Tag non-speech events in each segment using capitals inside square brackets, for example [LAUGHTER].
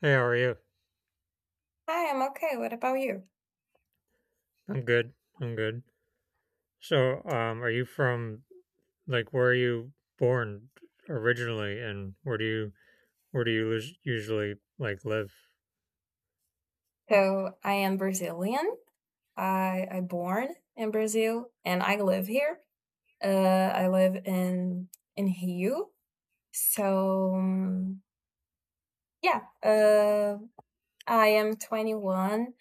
Hey, how are you? Hi, I'm okay. What about you? I'm good. I'm good. So are you from like, where are you born originally, and where do you us- usually like live? So I am Brazilian. I born in Brazil and I live here. I live in Rio. So, yeah, I am 21.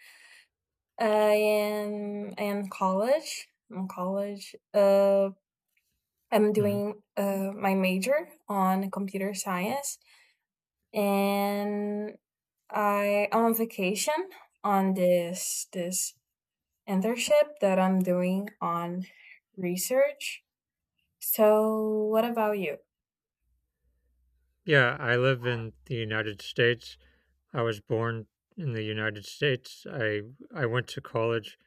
I am college. I'm college. I'm Hmm doing my major on computer science, and I am on vacation on this internship that I'm doing on research. So, what about you? Yeah, I live in the United States. I was born in the United States. I went to college.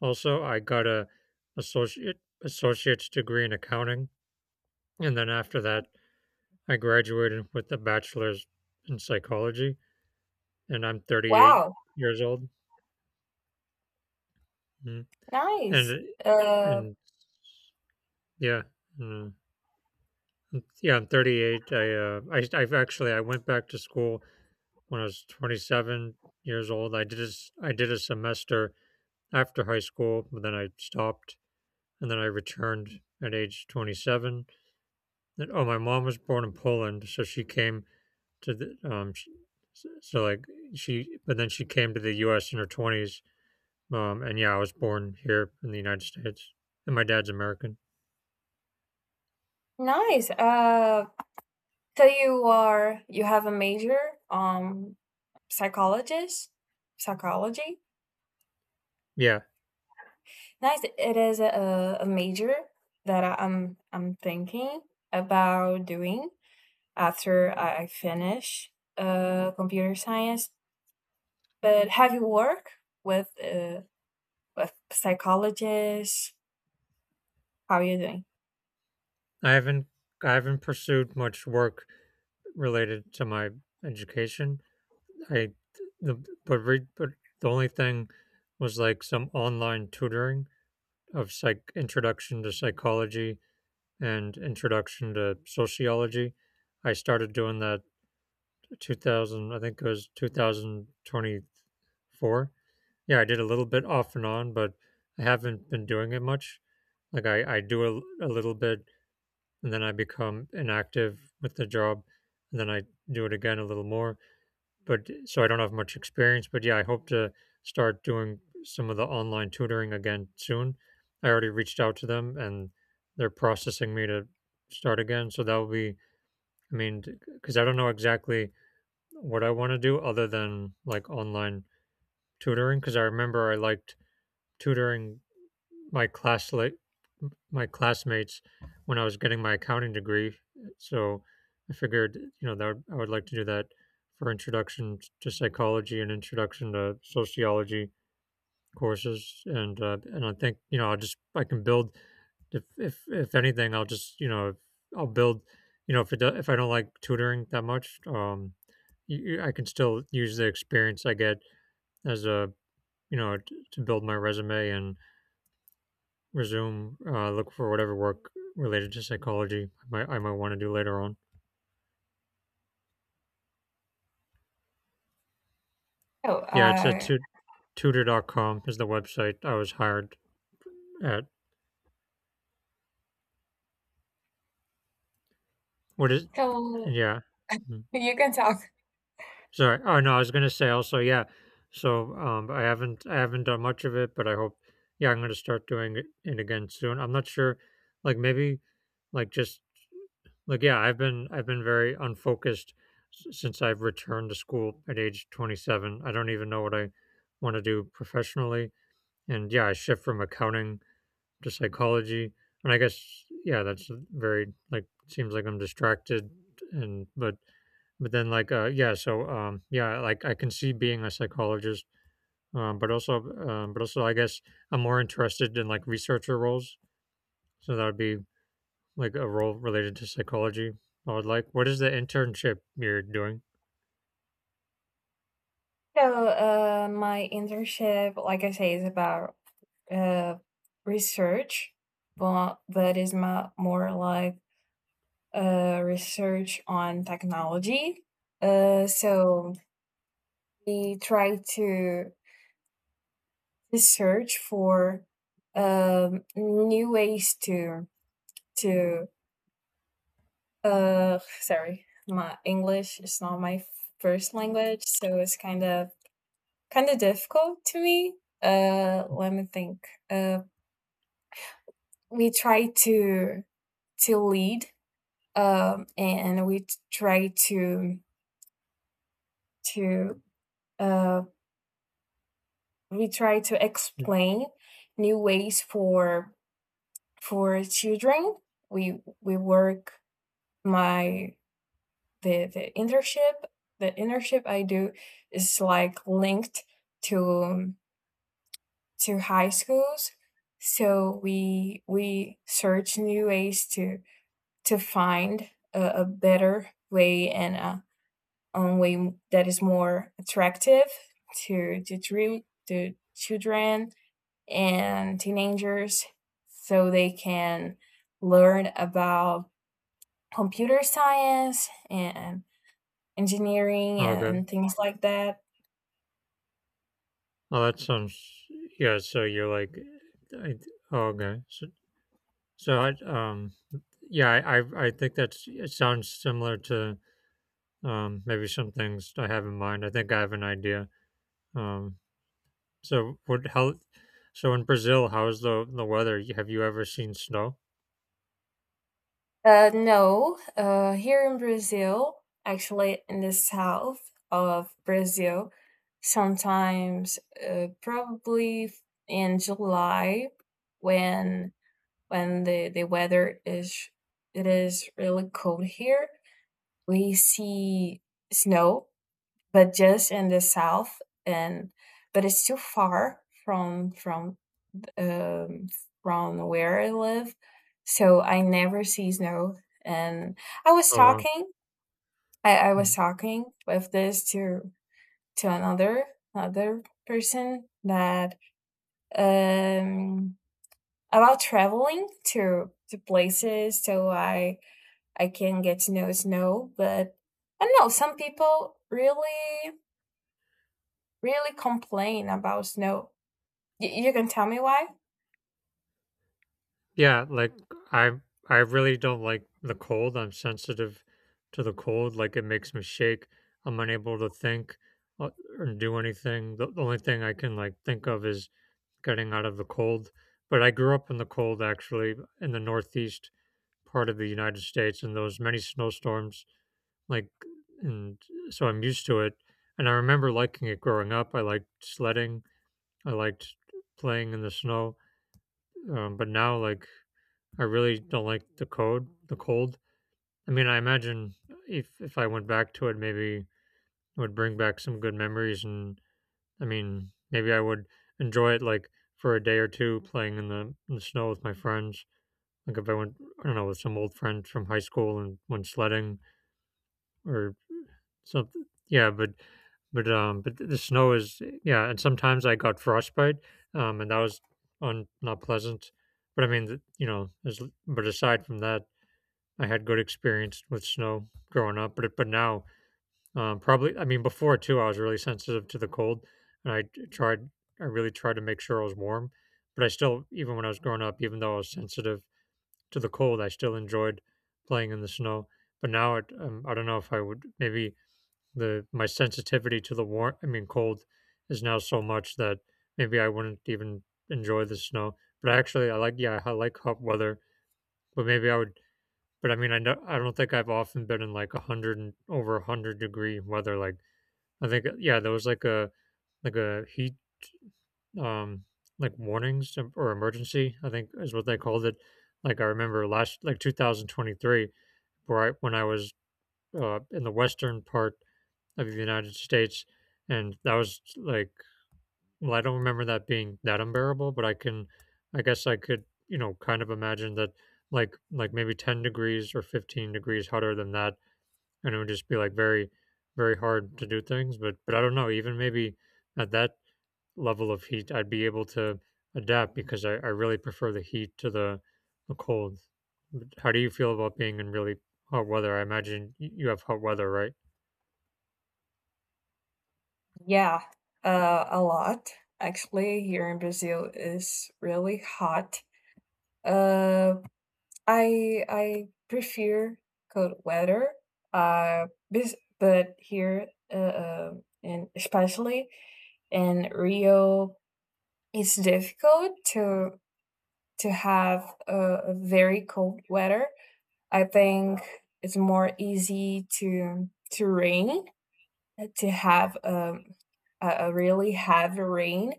Also, I got a associate's degree in accounting, and then after that, I graduated with a bachelor's in psychology, and I'm 38 Wow, years old. Hmm? nice. And Uh, and yeah mm, mm, Yeah, I'm 38. I've actually, I went back to school when I was 27 years old. I did a semester after high school, but then I stopped, and then I returned at age 27. And oh my mom was born in Poland, so she came to the sh s- so like she but then she came to the US in her 20s. And yeah, I was born here in the United States, and my dad's American. nice. So you are you have a major, um psychologist psychology. Yeah, Nice. It is a major that I'm thinking about doing after I finish computer science. But have you worked with with psychologists. How are you doing? I haven't I haven't pursued much work related to my education. I the but re, but the only thing was like some online tutoring of psych introduction to psychology and introduction to sociology. I started doing that 2000 I think it was 2024. Yeah, I did a little bit off and on, but I haven't been doing it much. Like, I do a little bit, and then I become inactive with the job, and then I do it again a little more. But so I don't have much experience, but yeah, I hope to start doing some of the online tutoring again soon. I already reached out to them, and they're processing me to start again. So that will be, I mean, because I don't know exactly what I want to do other than like online tutoring. Because I remember I liked tutoring my class, like my classmates, when I was getting my accounting degree. So I figured, you know, I would like to do that for introduction to psychology and introduction to sociology courses. And I think, you know, I can build if anything. I'll just, you know, I'll build, you know, if it do, if I don't like tutoring that much. I can still use the experience I get as a, you know, to build my resume and resume look for whatever work related to psychology I I might want to do later on. Oh, Yeah, tutor.com is the website I was hired at. What is so yeah. Mm. you can talk. Sorry. Oh no, I was gonna say also, yeah. So I haven't done much of it, but I hope, yeah, I'm gonna start doing it again soon. I'm not sure, like, maybe, like, just, yeah, I've been very unfocused since I've returned to school at age 27. I don't even know what I want to do professionally. And yeah, I shift from accounting to psychology. And I guess, yeah, that's a very, like, seems like I'm distracted. And but then like yeah, so yeah, like, I can see being a psychologist. But also, I guess I'm more interested in like researcher roles. So that would be like a role related to psychology. I would like, what is the internship you're doing? So, my internship, like I say, is about uh, research, but that is my, more like research on technology. So, we try to search for new ways to sorry, my English is not my first language, so it's kind of difficult to me. Let me think. We try to lead, and we t- try to uh, we try to Mm. explain new ways for children. We work my the internship. The internship I do is like linked to to high schools, so we search new ways to find a better way and a way that is more attractive to to, to children and teenagers, so they can learn about computer science and engineering Okay. and things like that. Oh, that sounds, yeah, so you're like, I, oh, okay, so, so I yeah I think that's it sounds similar to maybe some things I have in mind. I think I have an idea. um so what how so in Brazil, how's the weather? Have you ever seen snow? No, here in Brazil, actually in the south of Brazil, sometimes probably in July when the weather is really cold here, we see snow, but just in the south, and but it's too far from um, from where I live, so I never see snow. And I was Oh wow. talking, I was talking with this to to another another person that um about traveling to places so I can get to know snow, but I don't know, some people really complain about snow. You can tell me why? Yeah, like, I I really don't like the cold. I'm sensitive to the cold. Like, it makes me shake. I'm unable to think, uh, or do anything. The only thing I can like think of is getting out of the cold. But I grew up in the cold actually, in the northeast part of the United States, and there was many snowstorms, like and so I'm used to it. And I remember liking it growing up. I liked sledding. I liked playing in the snow. But now, like, I really don't like the cold. The cold. I mean, I imagine if I went back to it, maybe it would bring back some good memories, and, I mean, maybe I would enjoy it, like, for a day or two, playing in the snow with my friends. Like, if I went, I don't know, with some old friends from high school and went sledding or something. But the snow is, yeah, and sometimes I got frostbite, and that was not pleasant. But I mean, the, you know, as, but aside from that, I had good experience with snow growing up, but now, probably, I mean, before too, I was really sensitive to the cold, and I really tried to make sure I was warm, but I still, even when I was growing up, even though I was sensitive to the cold, I still enjoyed playing in the snow. But now, I don't know if I would. Maybe the my sensitivity to the warm, I mean cold, is now so much that maybe I wouldn't even enjoy the snow. But actually, I like, yeah, I like hot weather, but maybe I would, but I mean, I know, I don't think I've often been in like a hundred and over a hundred-degree weather. Like, I think, yeah, there was like a heat um like warnings, or emergency, I think is what they called it. Like, I remember last, like, 2023, where I when I was, in the western part of the United States, and that was like, well, I don't remember that being that unbearable, but I can, I guess I could, you know, kind of imagine that, like, maybe 10 degrees or 15 degrees hotter than that, and it would just be like very, very hard to do things. But I don't know, even maybe at that level of heat, I'd be able to adapt because I really prefer the heat to the cold. How do you feel about being in really hot weather? I imagine you have hot weather, right? Yeah, a lot. Actually, here in Brazil is really hot. Uh, I prefer cold weather. But here, and especially in Rio, it's difficult to have a very cold weather. I think it's more easy to rain, to have a really heavy rain,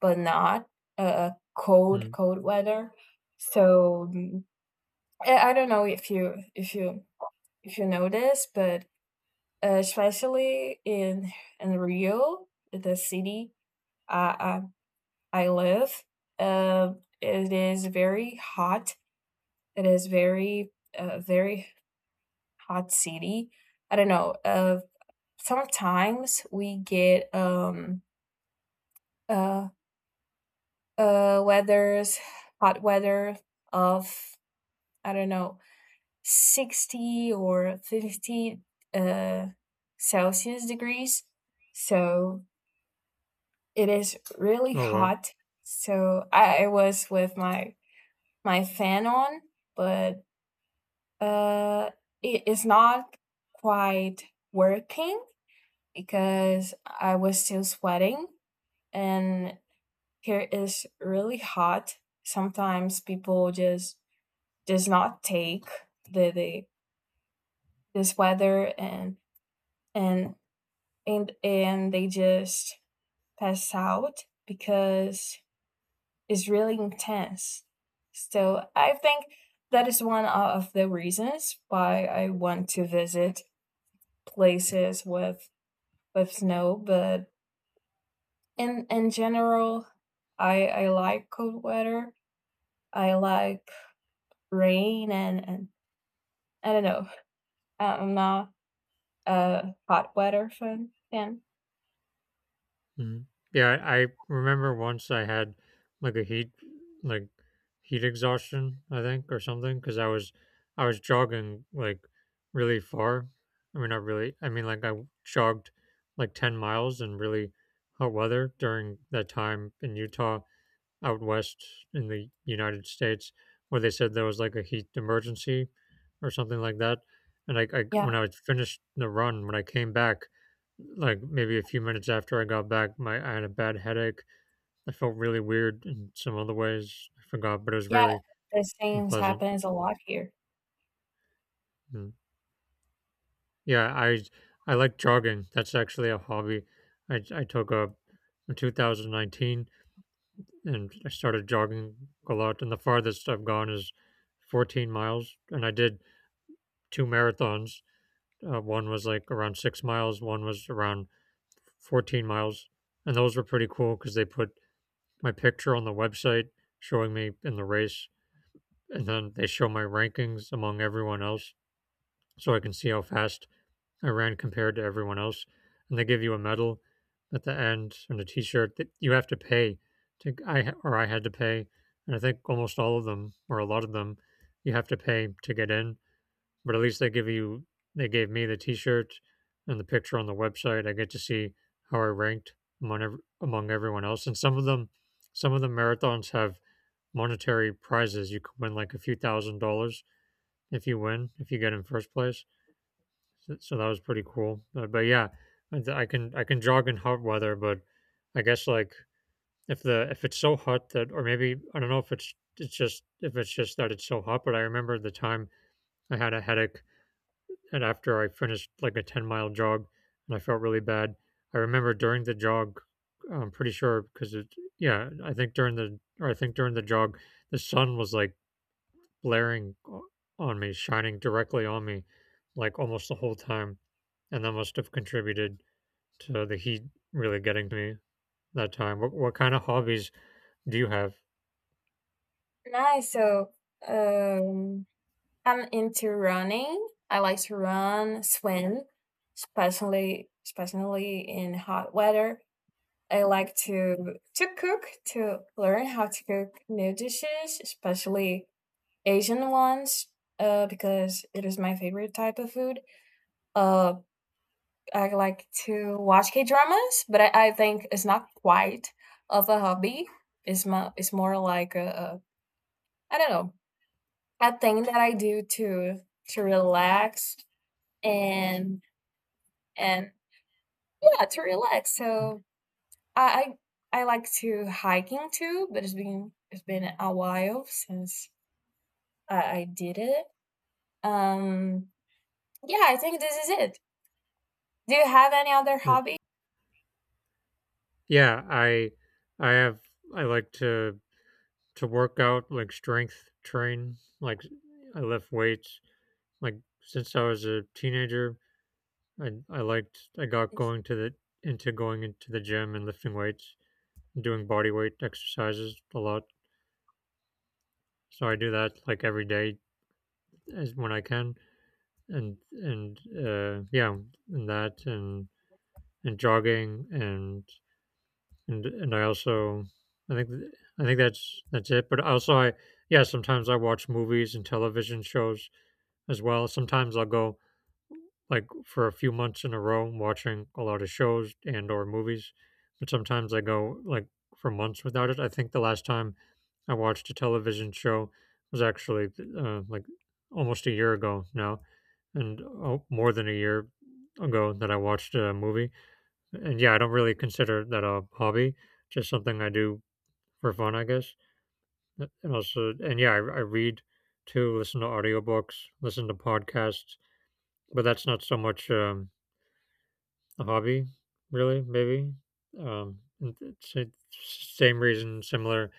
but not a cold, Mm. cold weather. So I don't know if you know this, but especially in Rio, the city I I live, uh, it is very hot. It is very very hot city. I don't know. Sometimes we get uh weathers hot weather of, I don't know, 60 or 50 uh Celsius degrees, so it is really Oh wow. hot. So I was with my fan on, but uh it is not quite working because I was still sweating, and here is really hot. Sometimes people just does not take the this weather, and and they just pass out because it's really intense. So I think that is one of the reasons why I want to visit places with snow. But in general, I like cold weather. I like rain, and I don't know. I'm not a hot weather fan. Mhm. Yeah, I remember once I had like a heat, like heat exhaustion, I think, or something, because I was jogging like really far. I mean, not really. I mean, like, I jogged like 10 miles in really hot weather during that time in Utah, out west in the United States, where they said there was like a heat emergency or something like that. And I Yeah. when I was finished the run, when I came back, like maybe a few minutes after I got back, my I had a bad headache. I felt really weird in some other ways. I forgot, but it was Yeah, really the same unpleasant. happens a lot here. Mm. Yeah, I like jogging. That's actually a hobby I took up in 2019. And I started jogging a lot. And the farthest I've gone is 14 miles. And I did two marathons. One was like around 6 miles, one was around 14 miles. And those were pretty cool because they put my picture on the website, showing me in the race. And then they show my rankings among everyone else, so I can see how fast I ran compared to everyone else. And they give you a medal at the end and a T-shirt that you have to pay to. I, or I had to pay, and I think almost all of them, or a lot of them, you have to pay to get in. But at least they give you. They gave me the T-shirt, and the picture on the website I get to see how I ranked among everyone else. And some of them, some of the marathons have monetary prizes. You can win like a few thousand dollars if you get in first place. So, so that was pretty cool. But yeah, I can jog in hot weather, but I guess, like, if it's so hot that, or maybe I don't know if it's just, if it's just that it's so hot. But I remember the time I had a headache, and after I finished like a 10 mile jog, and I felt really bad. I remember during the jog, I'm pretty sure because it yeah I think during the or I think during the jog the sun was like blaring o- on me, shining directly on me, like almost the whole time, and that must have contributed to the heat really getting to me that time. What kind of hobbies do you have? Nice. So, um, I'm into running. I like to run, swim, especially in hot weather. I like to cook, to learn how to cook new dishes, especially Asian ones, because it is my favorite type of food. Uh, I like to watch K dramas, but I think it's not quite of a hobby. It's more like a I don't know, a thing that I do to relax, and and yeah, to relax. So I I like to hiking too, but it's been a while since I did it. Um, yeah, I think this is it. Do you have any other Right. hobby? Yeah, I have I like to work out, like strength train, like I lift weights. Like since I was a teenager, I liked I got going to the into going into the gym and lifting weights, doing body weight exercises a lot. So I do that like every day as when I can, and yeah, and that and and jogging and I also I think th- I think that's it. But also I yeah sometimes I watch movies and television shows as well. Sometimes I'll go like for a few months in a row watching a lot of shows and or movies, but sometimes I go like for months without it. I think the last time I watched a television show was actually, like, almost a year ago now, and, oh, more than a year ago that I watched a movie. And yeah, I don't really consider that a hobby, just something I do for fun, I guess. And also, and yeah, I read too, listen to audiobooks, listen to podcasts, but that's not so much, a hobby, really, maybe. And it's the same reason, similar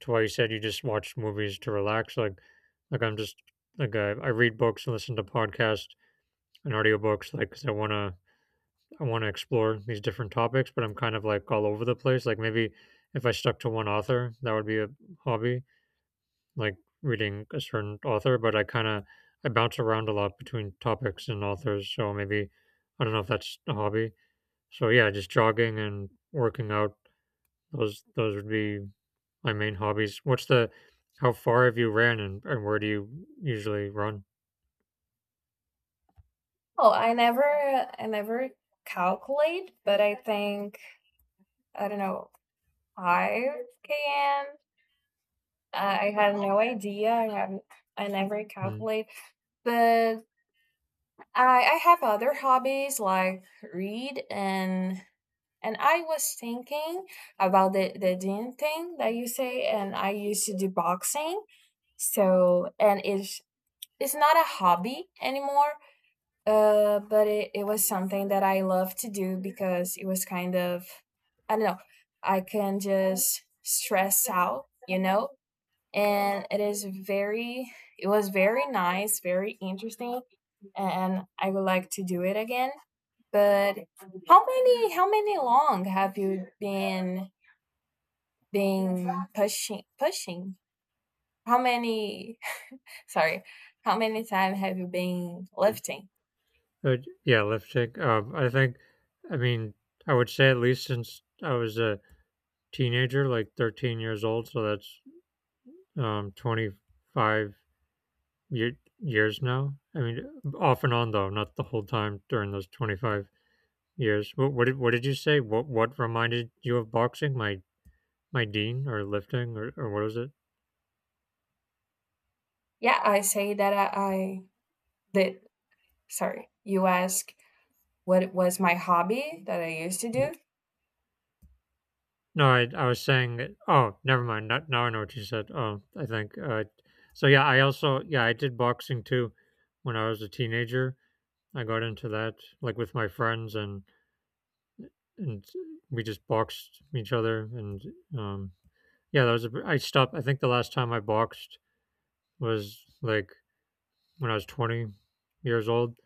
to why you said you just watch movies to relax. Like I'm just like I read books and listen to podcasts and audiobooks, like 'cause I wanna explore these different topics, but I'm kind of like all over the place. Like maybe if I stuck to one author, that would be a hobby, like reading a certain author. But I kind of I bounce around a lot between topics and authors, so maybe I don't know if that's a hobby. So yeah, just jogging and working out. Those would be my main hobbies. What's the How far have you ran, and where do you usually run? Oh, I never calculate, but I think, I don't know, 5 km. I had no idea. I haven't. I never Mm. calculate, but I I have other hobbies like read, and I was thinking about the gym thing that you say, and I used to do boxing. So, and it's not a hobby anymore, but it was something that I love to do because it was kind of, I don't know, I can just stress out, you know? And it is very, it was very nice, very interesting, and I would like to do it again. But how many, long have you been pushing? How many? [LAUGHS] Sorry, how many time have you been lifting? Uh, yeah, lifting. I think, I mean, I would say at least since I was a teenager, like 13 years old. So that's 25 year, years now. I mean, off and on though, not the whole time during those 25 years. What did you say? What reminded you of boxing? My dean or lifting, or what was it? Yeah, I say that I the sorry, you ask, what was my hobby that I used to do? D- No, I was saying that. Oh, never mind. Not, Now I know what you said. Oh, I think. So yeah, I also, I did boxing too when I was a teenager. I got into that like with my friends, and we just boxed each other, and, um yeah, that was a I stopped. I think the last time I boxed was like when I was 20 years old.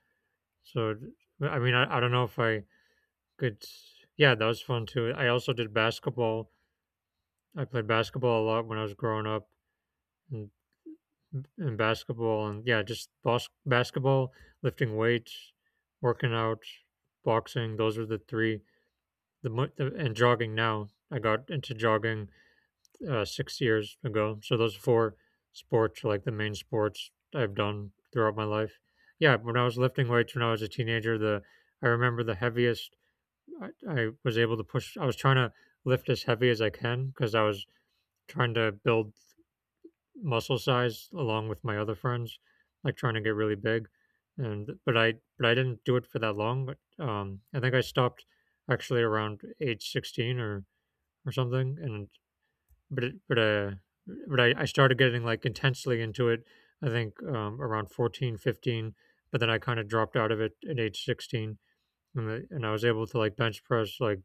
So I mean I don't know if I could. Yeah, that was fun too. I also did basketball. I played basketball a lot when I was growing up, and, and basketball, and yeah, just basketball, lifting weights, working out, boxing. Those are the three. The, mo- the and jogging now. I got into jogging, 6 years ago. So those four sports are like the main sports I've done throughout my life. Yeah, when I was lifting weights when I was a teenager, the I remember the heaviest I was able to push. I was trying to lift as heavy as I can because I was trying to build muscle size along with my other friends, like trying to get really big. And but I didn't do it for that long. But I think I stopped actually around age 16, or something. And but it, but I started getting like intensely into it. I think, around 14, 15, but then I kind of dropped out of it at age 16. And I was able to like bench press like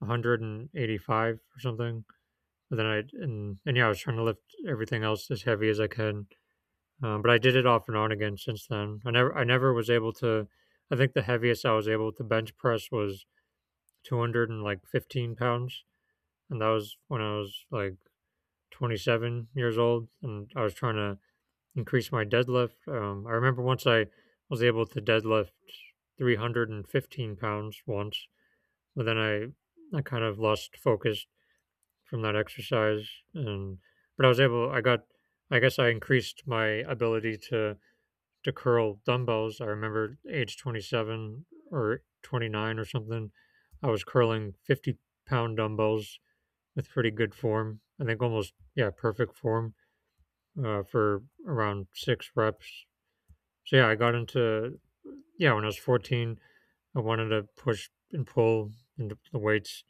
185 or something. But then I, And yeah, I was trying to lift everything else as heavy as I can, but I did it off and on again since then. I never was able to. I think the heaviest I was able to bench press was 200 and like 15 pounds, and that was when I was like 27 years old, and I was trying to increase my deadlift. I remember once I was able to deadlift 315 pounds once, but then I kind of lost focus from that exercise, and but I was able. I got. I guess I increased my ability to curl dumbbells. I remember age 27 or 29 or something, I was curling 50 pound dumbbells with pretty good form. I think almost, yeah, perfect form, for around six reps. So, yeah, I got into, yeah, when I was 14, I wanted to push and pull and the weights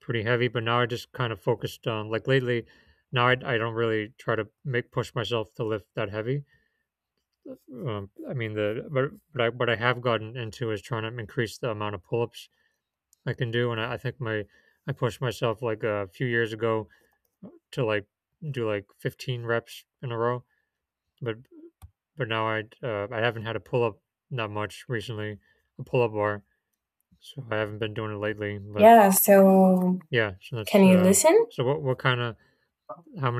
pretty heavy, but now I just kind of focused on, like lately, now I don't really try to make push myself to lift that heavy. I mean the but I what I have gotten into is trying to increase the amount of pull-ups I can do, and, I think my I pushed myself like a few years ago, to like do like 15 reps in a row, but but now I haven't had a pull-up that much recently, a pull-up bar, so I haven't been doing it lately. But Yeah, so. yeah, so Can that's, you listen? so what kind of how many